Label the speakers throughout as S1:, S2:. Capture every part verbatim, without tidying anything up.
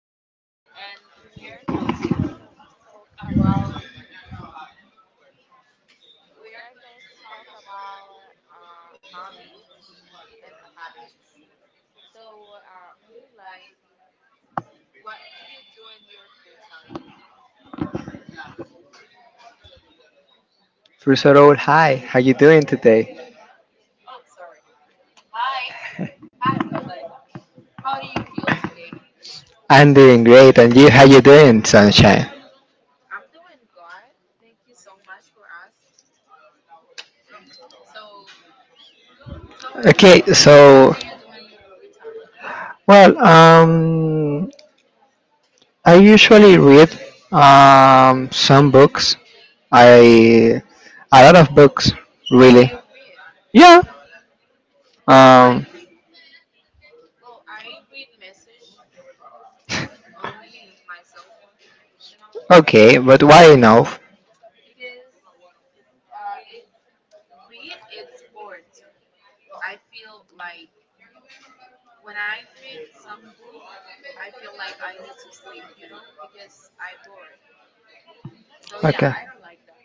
S1: Moonlight and we are going to talk about we are going to talk about uh, hobbies and habits. So, uh, Moonlight, what do you do in your free time?
S2: First of all, hi. How you doing today?
S1: Oh, sorry. Hi, hi Moonlight. How do you feel today?
S2: I'm doing great, and you? How you doing, sunshine?
S1: I'm doing good. Thank you so much for us. So tell me,
S2: Okay,
S1: what
S2: so
S1: do you do in your free time?
S2: well, um, I usually read um some books. I A lot of books,
S1: Oh,
S2: really.
S1: you read.
S2: Yeah.
S1: I don't like
S2: Um.
S1: read. Well, I read message only in my cell phone, you know,
S2: Okay, but why enough?
S1: because uh, it's read. It's bored to me. I feel like when I read some book, I feel like I need to sleep, you know, because I bored. So yeah,
S2: Okay.
S1: I don't like that.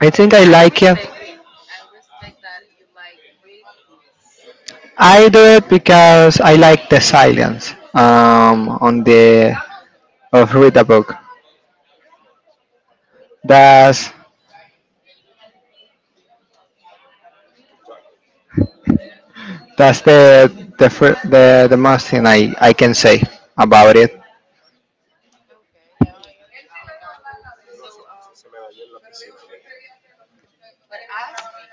S2: I think
S1: But
S2: I
S1: I
S2: like it.
S1: respect you. I respect that you like read books.
S2: I do it because I like the silence um, on the of read a book. That's that's the the fir- the, the most thing I, I can say about it.
S1: Okay, yeah, I understand that. So, um, but ask me.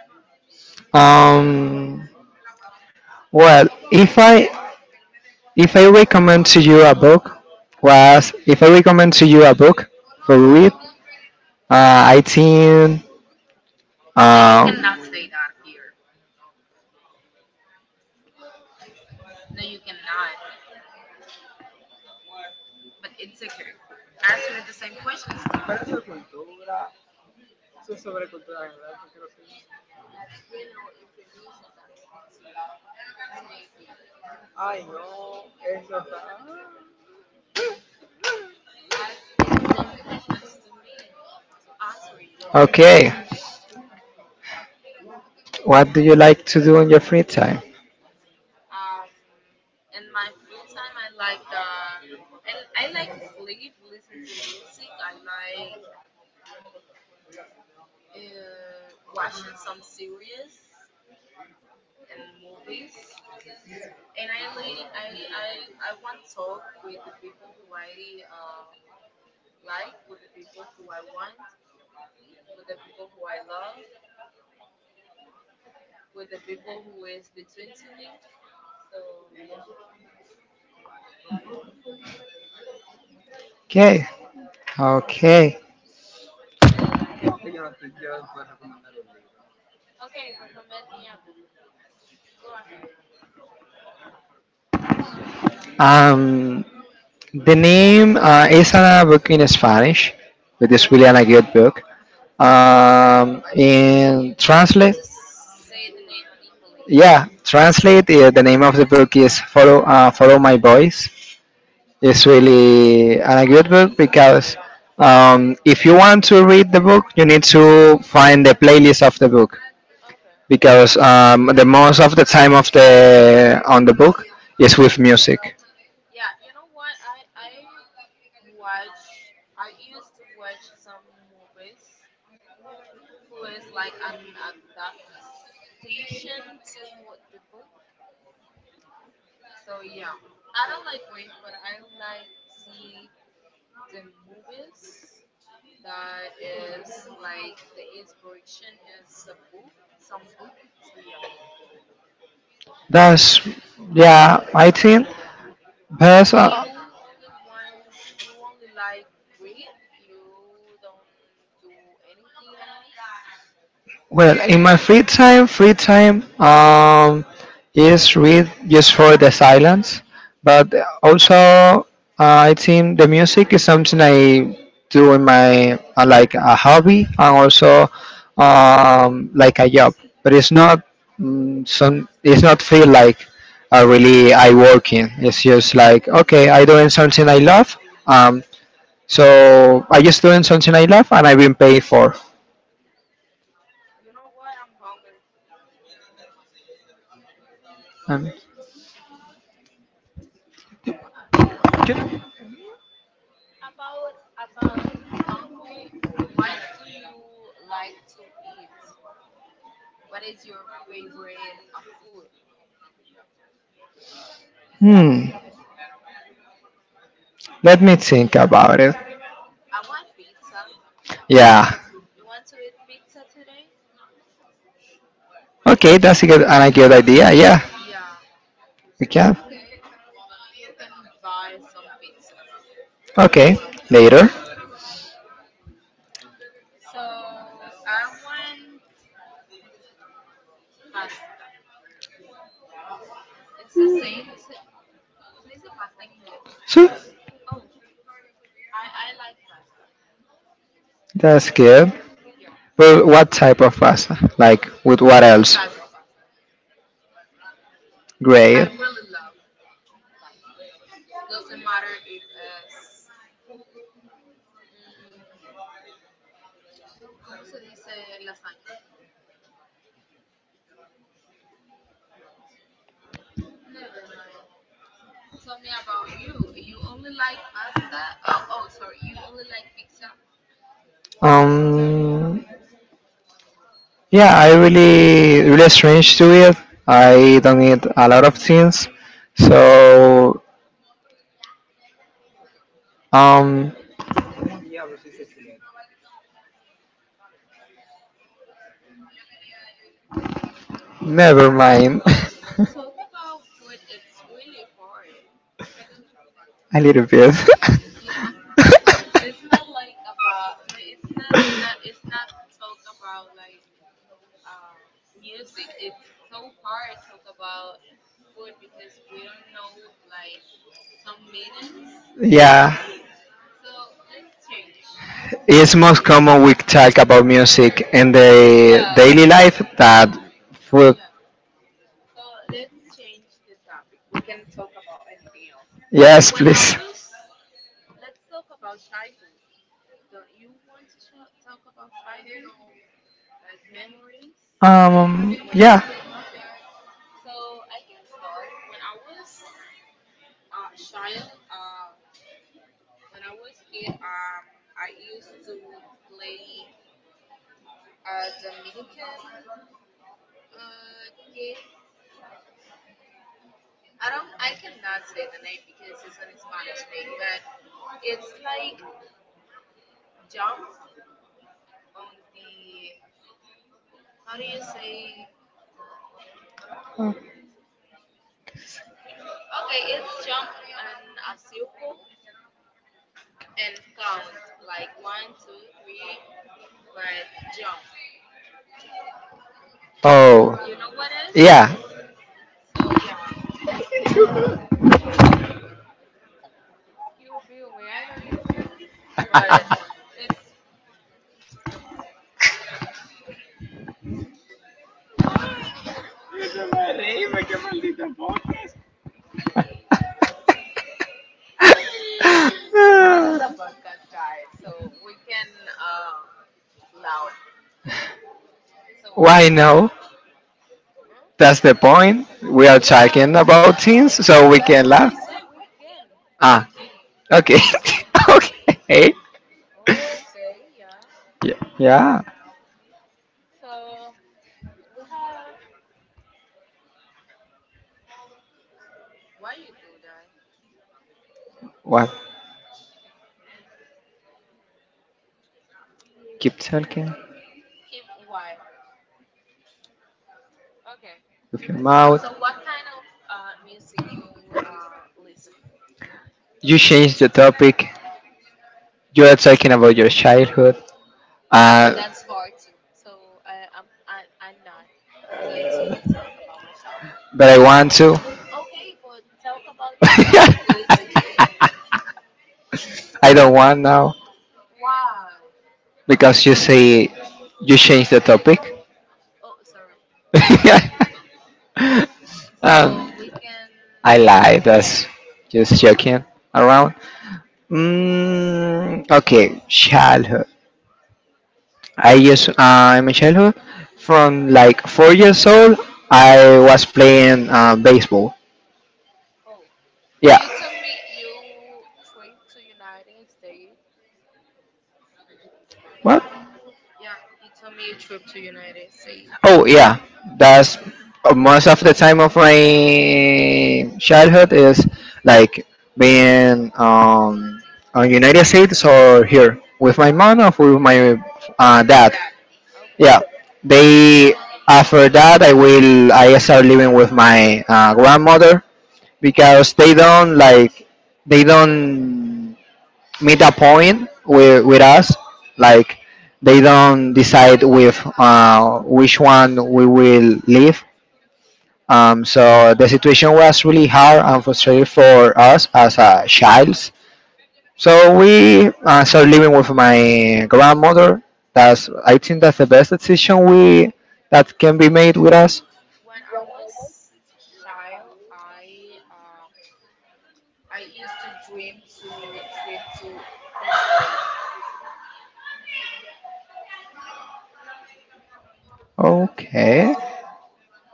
S2: Um, well, if I if I recommend to you a book, was if I recommend to you a book for read, uh, I think
S1: That you
S2: um,
S1: cannot say that here. No, you cannot. But it's okay. Ask me the same questions to me. Ask me the same questions to me to answer you.
S2: Okay. What do you like to do in your free time?
S1: Um, in my free time, I like um, I l- I like to sleep, listen to music. I like uh watching some series and movies. And I li- I I I want to talk with the people who I uh like, with the people who I want, with the people who I love, with the people who is between to me. So yeah.
S2: Okay. Okay.
S1: Okay, recommend me a book. Go ahead.
S2: Um, the name uh, is a book in Spanish, but it's really a good book. Um, in
S1: But you need
S2: translate,
S1: to s- say the name in English.
S2: yeah,
S1: Okay.
S2: translate. Uh, the name of the book is Follow uh, Follow My Voice. It's really a good book because um, if you want to read the book, you need to find the playlist of the book
S1: Okay.
S2: because um, the most of the time of the on the book is with music.
S1: Yeah, you know what? I I watch I used to watch some movies who is like an adaptation to the book. So yeah. I don't like read but I like see the movies that is like the inspiration is a book, some book. So yeah.
S2: That's Yeah, I think.
S1: And
S2: But
S1: you
S2: uh,
S1: only want you only like read, you don't do anything else.
S2: Well, in my free time, free time um, is read just for the silence, but also uh, I think the music is something I do in my uh, like a hobby and also um, like a job, but it's not mm, some it's not feel like uh, really I work in. It's just like okay, I doing something I love. Um, so I just doing something I love and I've been paid for.
S1: You know what? I'm hungry.
S2: Um,
S1: Oh, about about hungry, what do you like to eat? What is your favorite uh, food?
S2: hmm. Let me think about it.
S1: I want pizza.
S2: Yeah.
S1: You want to eat pizza today?
S2: Okay, that's a good and a good idea. Yeah,
S1: Yeah.
S2: we can.
S1: Okay. You can buy some pizza.
S2: Okay, later.
S1: So I want pasta. It's the same. So,
S2: Sure.
S1: oh, I, I like pasta.
S2: That's good.
S1: Yeah,
S2: Well, what type of pasta? Like with what
S1: all the
S2: else?
S1: type of pasta.
S2: Grey.
S1: I really love pasta. Doesn't matter if it's. Mm, Never mind. Tell me about you. You only like pasta? Oh, oh, sorry. You only like pizza?
S2: Um. Yeah, I really really strange to it. I don't eat a lot of things, so um, never mind.
S1: Oh, talk about food. It's really hard.
S2: A little bit.
S1: Yeah, it's not like about. No, it's not. not- It's not talk about like uh, music. It's so hard to talk about food because we don't know like some meanings.
S2: Yeah.
S1: So let's change. Let's
S2: It's most
S1: change.
S2: common we talk about music in the
S1: Yeah,
S2: daily life that food.
S1: yeah. So let's change the topic. We can talk about anything else. Well,
S2: Yes,
S1: when I
S2: please.
S1: was, let's talk about childhood. Don't you want to sh- talk about childhood, like memories?
S2: Um,
S1: When
S2: yeah.
S1: Okay, so I can start. When I was a child, uh, When I was kid, um, I used to play a Dominican uh, game. I don't, I cannot say the name because it's an Spanish name, but it's like jump on the, how do you say? Okay, it's jump in a circle and count like one, two, three, but jump.
S2: Oh,
S1: You know what is?
S2: yeah.
S1: So yeah, you feel me. I know you feel me, but. It's. This is a podcast guide, so we can uh loud. So,
S2: Why no?
S1: mm,
S2: That's the point. We are
S1: yeah,
S2: talking about
S1: that,
S2: things so we
S1: that's
S2: can
S1: what I
S2: laugh.
S1: say. We can, we
S2: Ah,
S1: can.
S2: okay. Okay.
S1: Okay, yeah.
S2: Yeah. Yeah.
S1: So we have. Why you do that?
S2: What? Keep talking
S1: Keep what? Okay.
S2: with your mouth.
S1: So what kind of uh music you uh listen?
S2: You changed the topic. You are talking about your childhood.
S1: Yeah, but
S2: Uh,
S1: that's hard too. So, I, I'm I, I'm not going to talk about my childhood.
S2: but I want to.
S1: Okay, but talk about your childhood. It's okay.
S2: I don't want now
S1: Why?
S2: because you say you change the topic.
S1: Oh, sorry. So
S2: um,
S1: we can.
S2: I lied. That's just joking around. Mm, okay, childhood. I just I'm a childhood from like four years old. I was playing uh, baseball.
S1: Oh,
S2: Yeah.
S1: you told me you trip to United States.
S2: What?
S1: Yeah, you told me you trip to United States.
S2: Oh yeah, that's uh, most of the time of my childhood is like being um on United States or here with my mom or with my uh,
S1: Your
S2: dad.
S1: dad. Okay.
S2: Yeah, they after that I will I start living with my uh, grandmother because they don't like they don't meet a point with, with us like they don't decide with uh, which one we will leave um, so the situation was really hard and frustrating for us as a child so we uh, started living with my grandmother. That's i think that's the best decision we that can be made with us.
S1: When I was child, I um I used to dream to trip to Disney.
S2: Okay.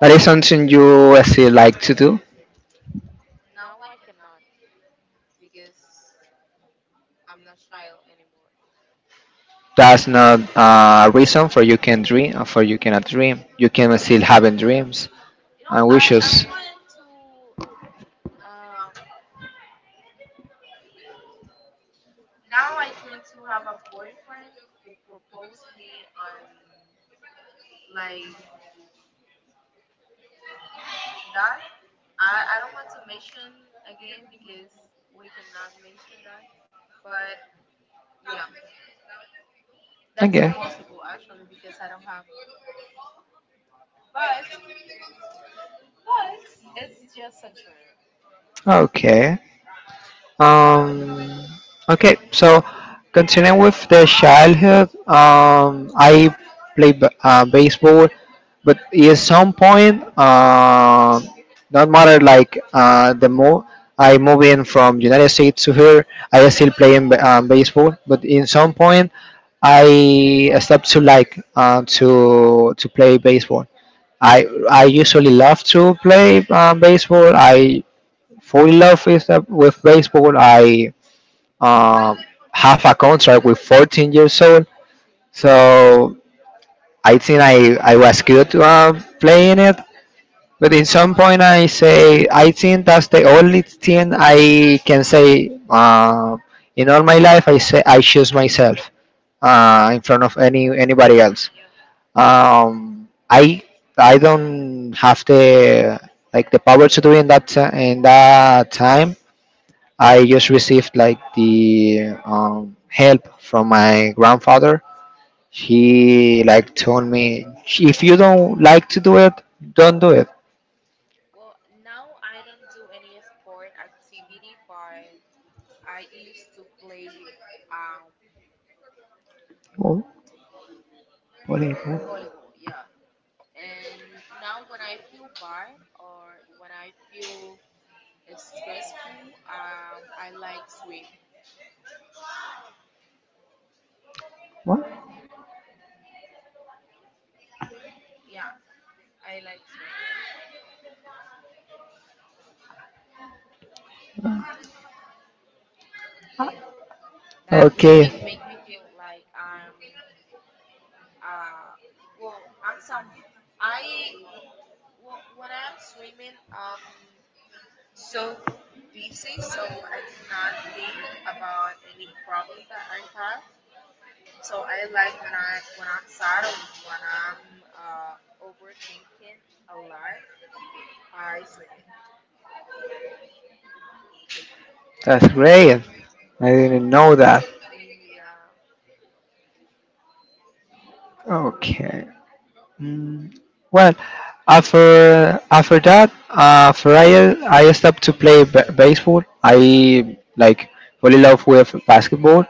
S2: That is something you still like to do?
S1: Now I cannot because I'm not child anymore.
S2: That's not uh, a reason for you can dream or for you cannot dream. You can still having dreams
S1: You know,
S2: and
S1: I I
S2: wishes.
S1: want to Uh, now I dream to have a boyfriend who proposed me on like that. I I don't want to mention again because we cannot mention that. But yeah, that's
S2: Okay.
S1: impossible actually because I don't have. But but it's just a dream.
S2: Okay.
S1: Yeah.
S2: Um, okay, so continuing with the childhood, um, I play b- uh, baseball, but at some point, uh, not matter like uh, the more I move in from United States to here, I still play in ba- um, baseball, but in some point, I stopped to like uh, to to play baseball. I I usually love to play um, baseball. I fully love with, uh, with baseball. I um, have a contract with fourteen years old.
S1: Hmm.
S2: So I think I, I was good uh, playing it. But in some point I say I think that's the only thing I can say uh, in all my life. I say I choose myself uh, in front of any anybody else.
S1: Yeah.
S2: Um, I I don't have the like the power to do in that ti- in that time I just received like the um, help from my grandfather. He like told me if you don't like to do it, don't do it.
S1: Well, now I don't do any sport activity, but I used to play um
S2: Oh, what is
S1: volleyball. Yeah,
S2: that?
S1: and now when I feel bad or when I feel stressful, um, I like swim.
S2: What?
S1: Yeah, I like swim. That make
S2: Okay,
S1: me make me feel like I'm uh well I'm some I well when I'm swimming I'm so busy so I cannot think about any problem that I have. So I like when I when I'm sad or when I'm uh overthinking a lot. I swim in.
S2: that's great. I didn't know that.
S1: Yeah,
S2: Okay. Mm, well, after after that, uh, after I I stopped to play b- baseball, I like fell in love with basketball.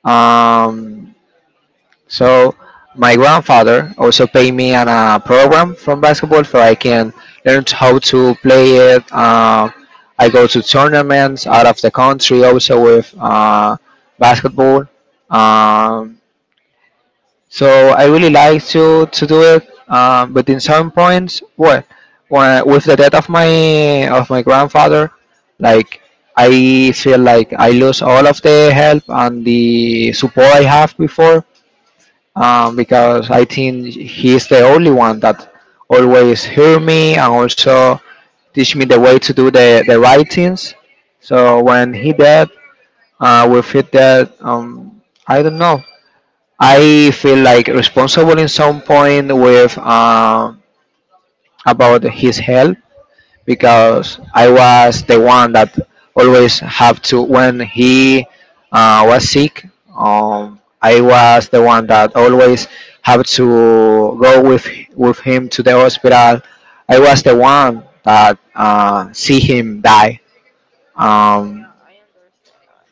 S2: Um, so my grandfather also paid me on a program from basketball so I can learn how to play it. Uh, I go to tournaments out of the country also with uh, basketball. Um, so I really like to to do it. Um, but in some points, what when, with the death of my of my grandfather, like I feel like I lose all of the help and the support I have before um, because I think he's the only one that always hear me and also teach me the way to do the, the right things. So when he dead, uh, with it that um, I don't know, I feel like responsible in some point with um about his health because I was the one that always have to when he uh, was sick. Um, I was the one that always have to go with with him to the hospital. I was the one that uh, see him die. Um,
S1: yeah, I understand that.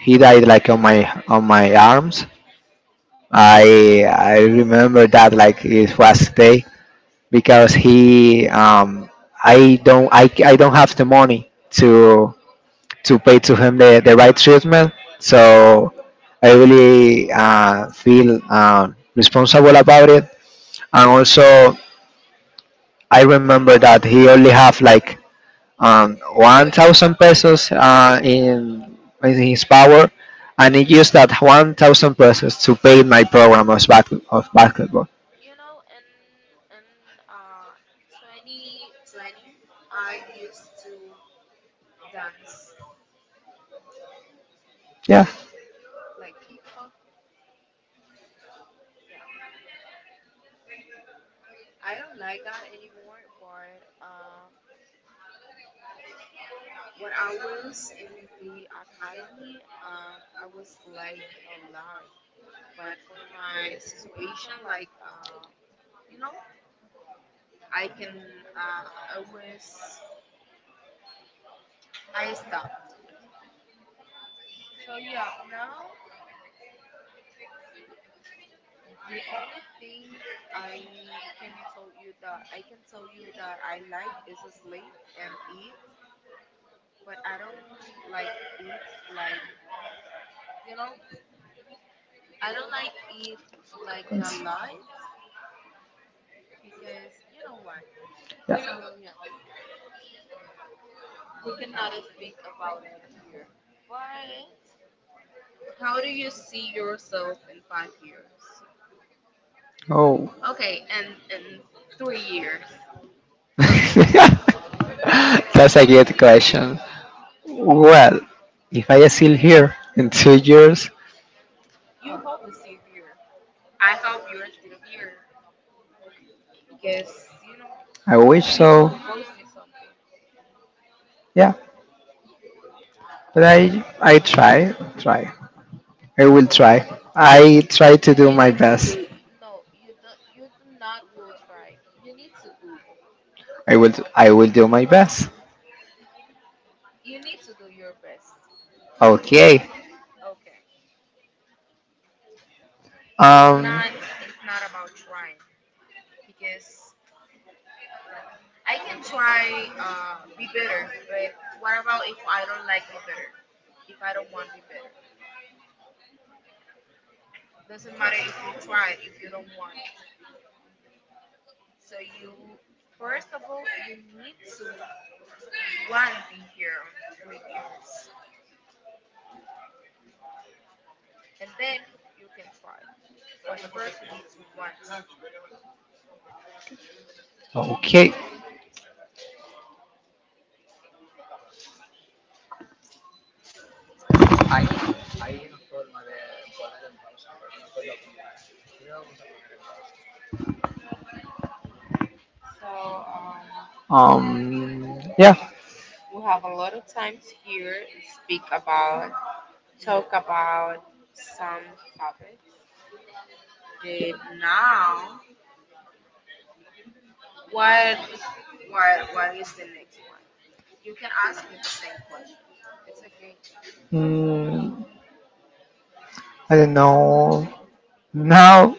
S2: he died like on my on my arms. I I remember that like it was today because he um, I don't I, I don't have the money to to pay to him the, the right treatment. So I really uh, feel um, responsible about it. And also, I remember that he only have like um, one thousand pesos uh, in, in his power, and he used that one thousand pesos to pay my program of, back, of basketball.
S1: You know, in in uh twenty twenty, I used to dance
S2: Yeah.
S1: like hip hop. Yeah, I don't like that anymore. But uh, when I was in the academy, um, I was like a lot. But for my situation, like uh, you know, I can, uh, I was I stopped. So yeah, now the only thing I can tell you that I can tell you that I like is sleep and eat, but I don't like eat like, you know, I don't like eat like a
S2: Thanks.
S1: lot because you know why.
S2: Yeah.
S1: So yeah, we cannot uh, speak about it here. But how do you see yourself in five years?
S2: Oh.
S1: Okay, and in three years.
S2: That's a good question. Well, if I still here in two years,
S1: You hope is still here. I hope you are still here because you know
S2: I wish
S1: you need to
S2: so.
S1: propose me something.
S2: Yeah, but I I try, try. I will try. I try to do
S1: You
S2: my
S1: need to
S2: best.
S1: do. No, you don't. You do not will try. You need to do.
S2: I will I will do my best.
S1: You need to do your best.
S2: Okay.
S1: Okay. It's
S2: Um.
S1: not. It's not about trying because I can try. Uh, be better. But what about if I don't like be better? If I don't want be better, doesn't matter if you try it. If you don't want, so you first of all you need to one be here on three years and then you can try but first you need to want to.
S2: Okay.
S1: So, um,
S2: Um. Yeah.
S1: we have a lot of times here and speak about talk about some topics but now what what what is the next one. You can ask me the same question, it's okay.
S2: Mm, I don't know. Now,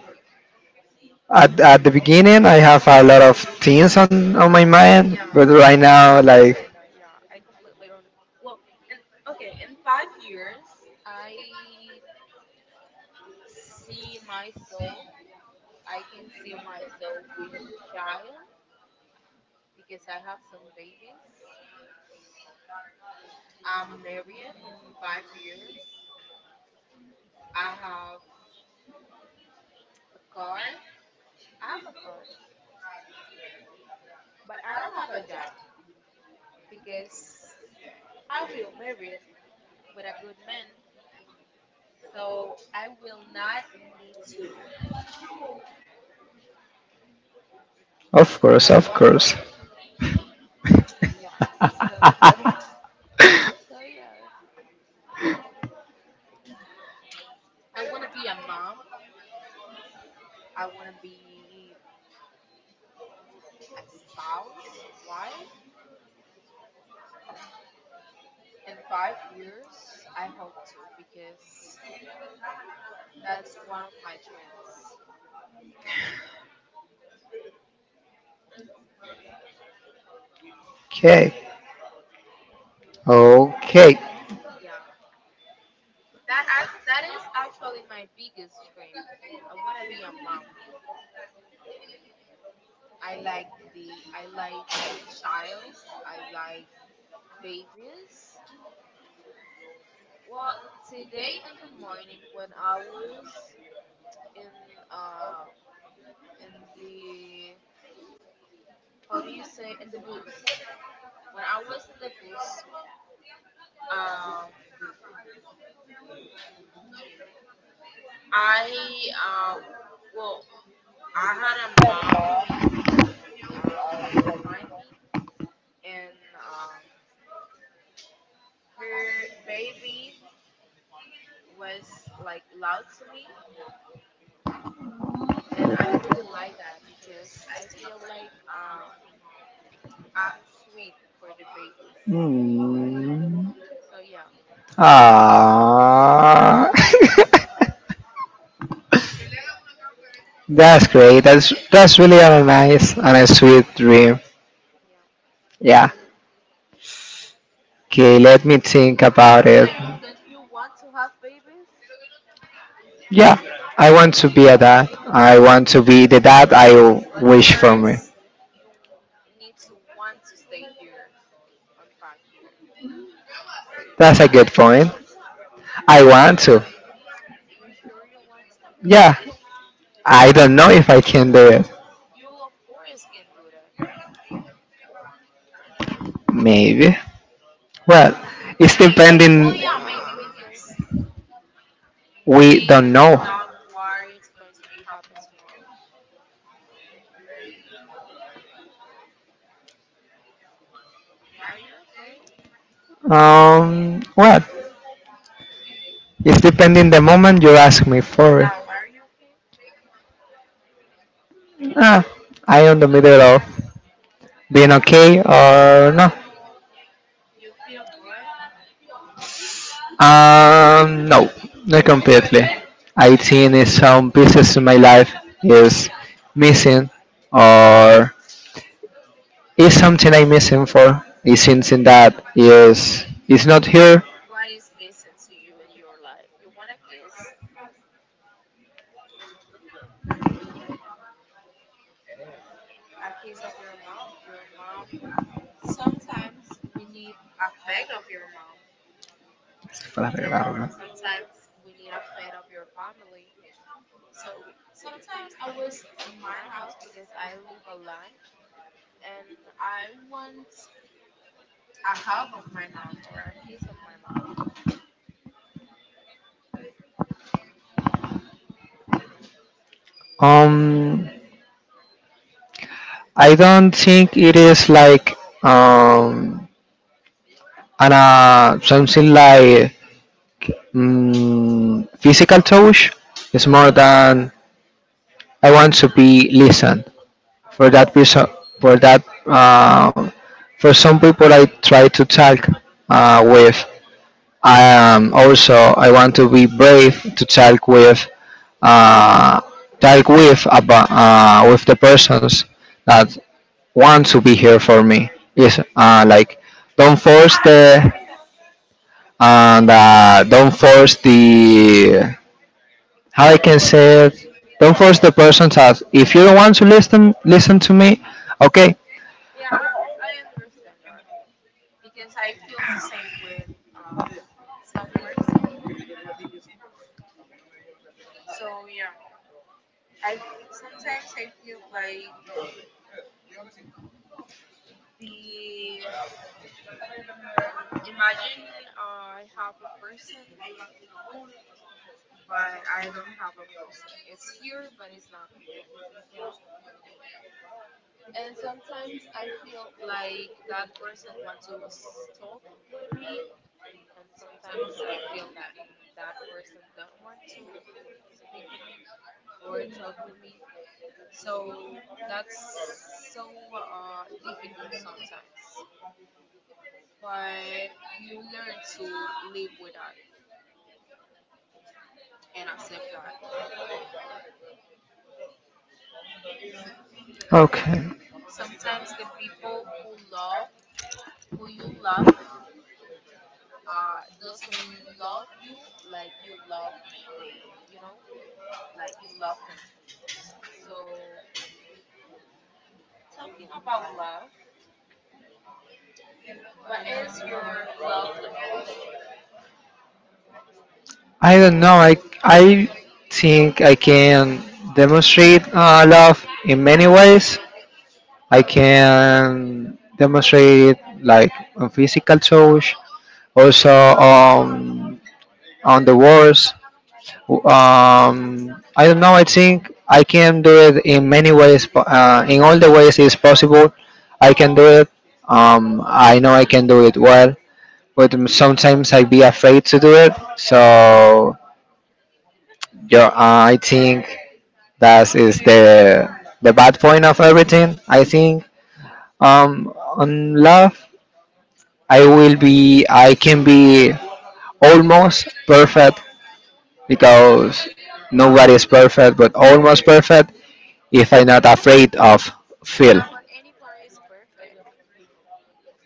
S2: at, at the beginning, I have a lot of things on on my mind,
S1: Yeah,
S2: but right
S1: I
S2: now, like,
S1: understand that. Yeah, I completely un- well, and okay, in five years, I see myself. I can see myself with child because I have some babies. I'm married in five years. I have a car. I have a car, but I don't have a job because I will marry with a good man. So I will not need to.
S2: of course, of course.
S1: Yeah. So so yes. I wanna be a mom. I wanna be a spouse, a wife. In five years, I hope to because that's one of my dreams.
S2: Okay. Okay.
S1: Yeah, that I that is actually my biggest dream. I wanna be a mom. I like the I like childs. I like babies. Well, today in the morning when I was in uh in the, how do you say, in the bus when I was in the bus, um I uh well I had a mom be uh like behind me, and um, her baby was like loud to me, and I really like that because I feel like uh I'm sweet for the babies.
S2: Mm.
S1: So yeah.
S2: Ah.
S1: Hmm.
S2: That's great. That's that's really a nice and a nice, sweet dream.
S1: Yeah.
S2: Yeah. Okay. Let me think about it.
S1: That you that you want to have babies,
S2: Yeah. I want to be a dad. I want to be the dad I
S1: but
S2: wish for me.
S1: first you need to want to stay here on five year.
S2: That's a good point. I want to.
S1: You sure you want to?
S2: Yeah. I
S1: Okay.
S2: don't know if I can do it.
S1: You of course can do that.
S2: Maybe. Well, it's
S1: Maybe. Well,
S2: depending.
S1: yeah, maybe because
S2: We
S1: we
S2: don't
S1: do
S2: know.
S1: not worry it's going to be happen tomorrow. Are you okay?
S2: Um, what? It's depending the moment you ask me for it.
S1: Now, are you okay?
S2: Ah, I on the middle of being okay or no.
S1: You feel good?
S2: Um, no, not completely. I think in some pieces in my life is missing or is something I'm missing for. Is something that is is not here
S1: What is missing to you in your life? You want a kiss? A kiss of your mom. Your mom. Sometimes we need affect of your mom,
S2: para
S1: and
S2: arreglarlo.
S1: sometimes we need affect of your family. So sometimes I was in my house because I live alone, and I want a hug of my mom or a kiss of my mom.
S2: Um, I don't think it is like um, an, uh, something like mm, physical touch. It's more than I want to be listened.
S1: Oh,
S2: For that reason, for that, uh, for some people, I try to talk uh, with. Um, also, I want to be brave to talk with uh, like with about uh, with the persons that want to be here for me is uh, like don't force the and uh, don't force the how I can say it don't force the person that if you don't want to listen listen to me. Okay.
S1: yeah, I I understand that because I feel the same with um some person. So yeah, I sometimes I feel like the imagine, uh, I have a person but I don't have a person. It's here but it's not here, you know? And sometimes I feel like that person wants to s- talk with me and sometimes I feel that, mm, that person don't want to speak with me or talk with me. So that's so uh, difficult sometimes. But you learn to live with that and accept that.
S2: Okay.
S1: Sometimes the people who love, who you love, uh, doesn't love you like you love they, you know, like you love them. So, talking about love, what is your love language?
S2: I don't know. I I think I can demonstrate uh, love in many ways. I can demonstrate it like on physical touch, also um, on the words. Um, I don't know. I think I can do it in many ways. Po- Uh, in all the ways it's possible, I can do it. Um, I know I can do it well, but sometimes I be afraid to do it. So yeah, uh, I think that is the the bad point of everything. I think um, on love I will be I can be almost perfect because nobody is perfect but almost perfect if I'm not afraid of fail.
S1: Yeah, but anybody is perfect.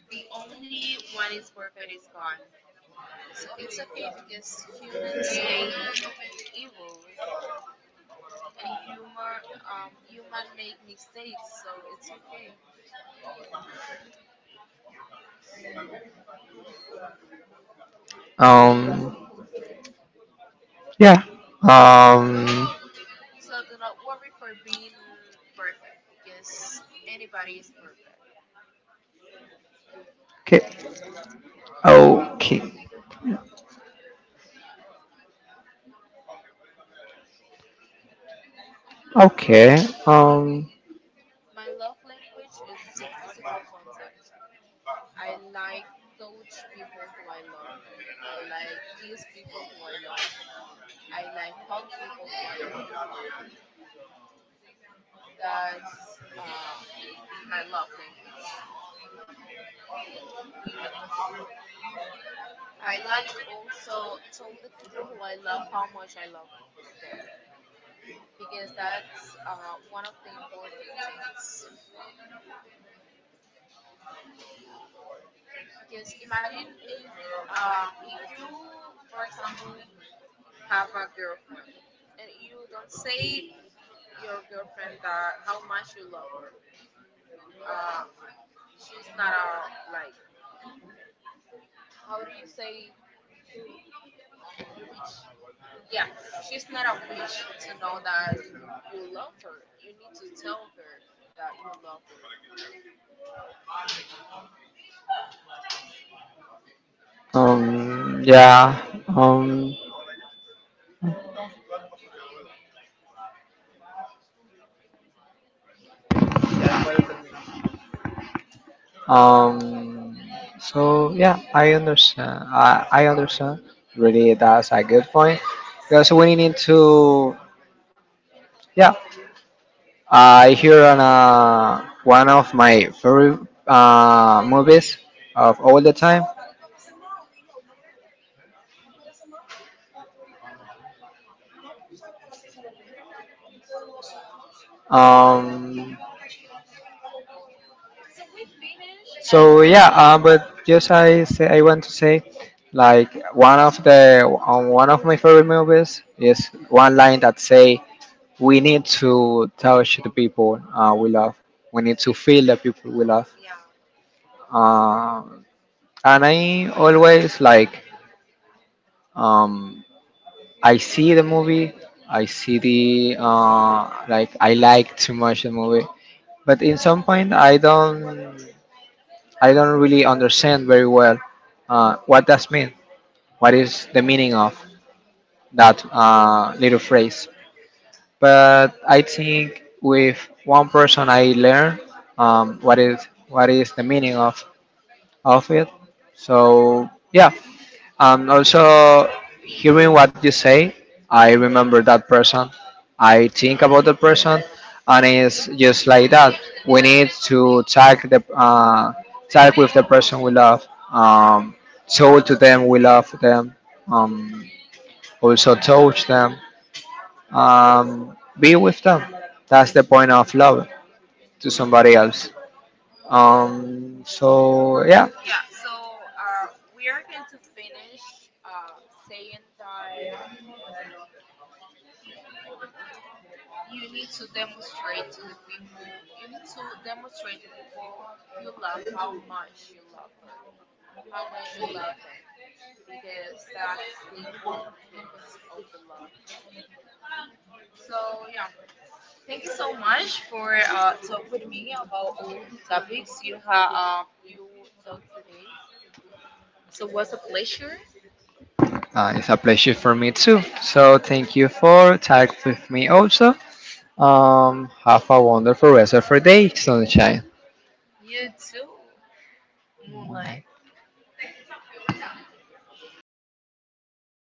S1: The only one is perfect is God. So it's okay because humans make errors and humor um human make mistakes, so it's okay.
S2: Um yeah. Um
S1: So do not worry for being perfect because anybody is perfect.
S2: okay. Okay. Okay. um
S1: My love language is the physical contact. I like touch people who I love. I like kiss people who I love. I like hug people who I love. That's uh, my love language. I like also tell the people who I love how much I love them because that's uh, one of the important things. Because imagine if um, if you, for example, have a girlfriend and you don't say your girlfriend that how much you love her. Uh, she's not a like, how do you say, yeah, she's not a wish to know that you love her. You need to tell her that you love her.
S2: um yeah. um Um, so yeah, I understand. I, I understand. Really, that's a good point. Because when you need to, yeah, I hear on uh, one of my favorite uh, movies of all the time. Um,
S1: So we finish, I
S2: so
S1: think.
S2: yeah, uh, but just I say I want to say, like one of the on one of my favorite movies is one line that say, we need to touch the people uh, we love. We need to feel the people we love.
S1: Yeah.
S2: Uh, and I always like um, I see the movie, I see the uh, like I like too much the movie, but in some point I don't I don't really understand very well uh, what does mean. What is the meaning of that uh, little phrase? But I think with one person I learned um, what is what is the meaning of of it. So yeah, um, also hearing what you say, I remember that person. I think about the person, and it's just like that. We need to tag the uh, tag with the person we love. Um, show to them we love them. Um, Also touch them um, be with them. That's the point of love to somebody else. Um, so yeah,
S1: Yeah, so uh, we are going to finish uh, saying that you need to demonstrate to the people, you need to demonstrate the people you love how much you love her, how much you love them, because that's the important things of the love. So, yeah, thank you so much for uh, talk with me about all the topics you have, um, you talked today. So it was a pleasure.
S2: uh, it's a pleasure for me too. So thank you for tag with me also. Um, have a wonderful rest of your day, sunshine.
S1: You too, Moonlight.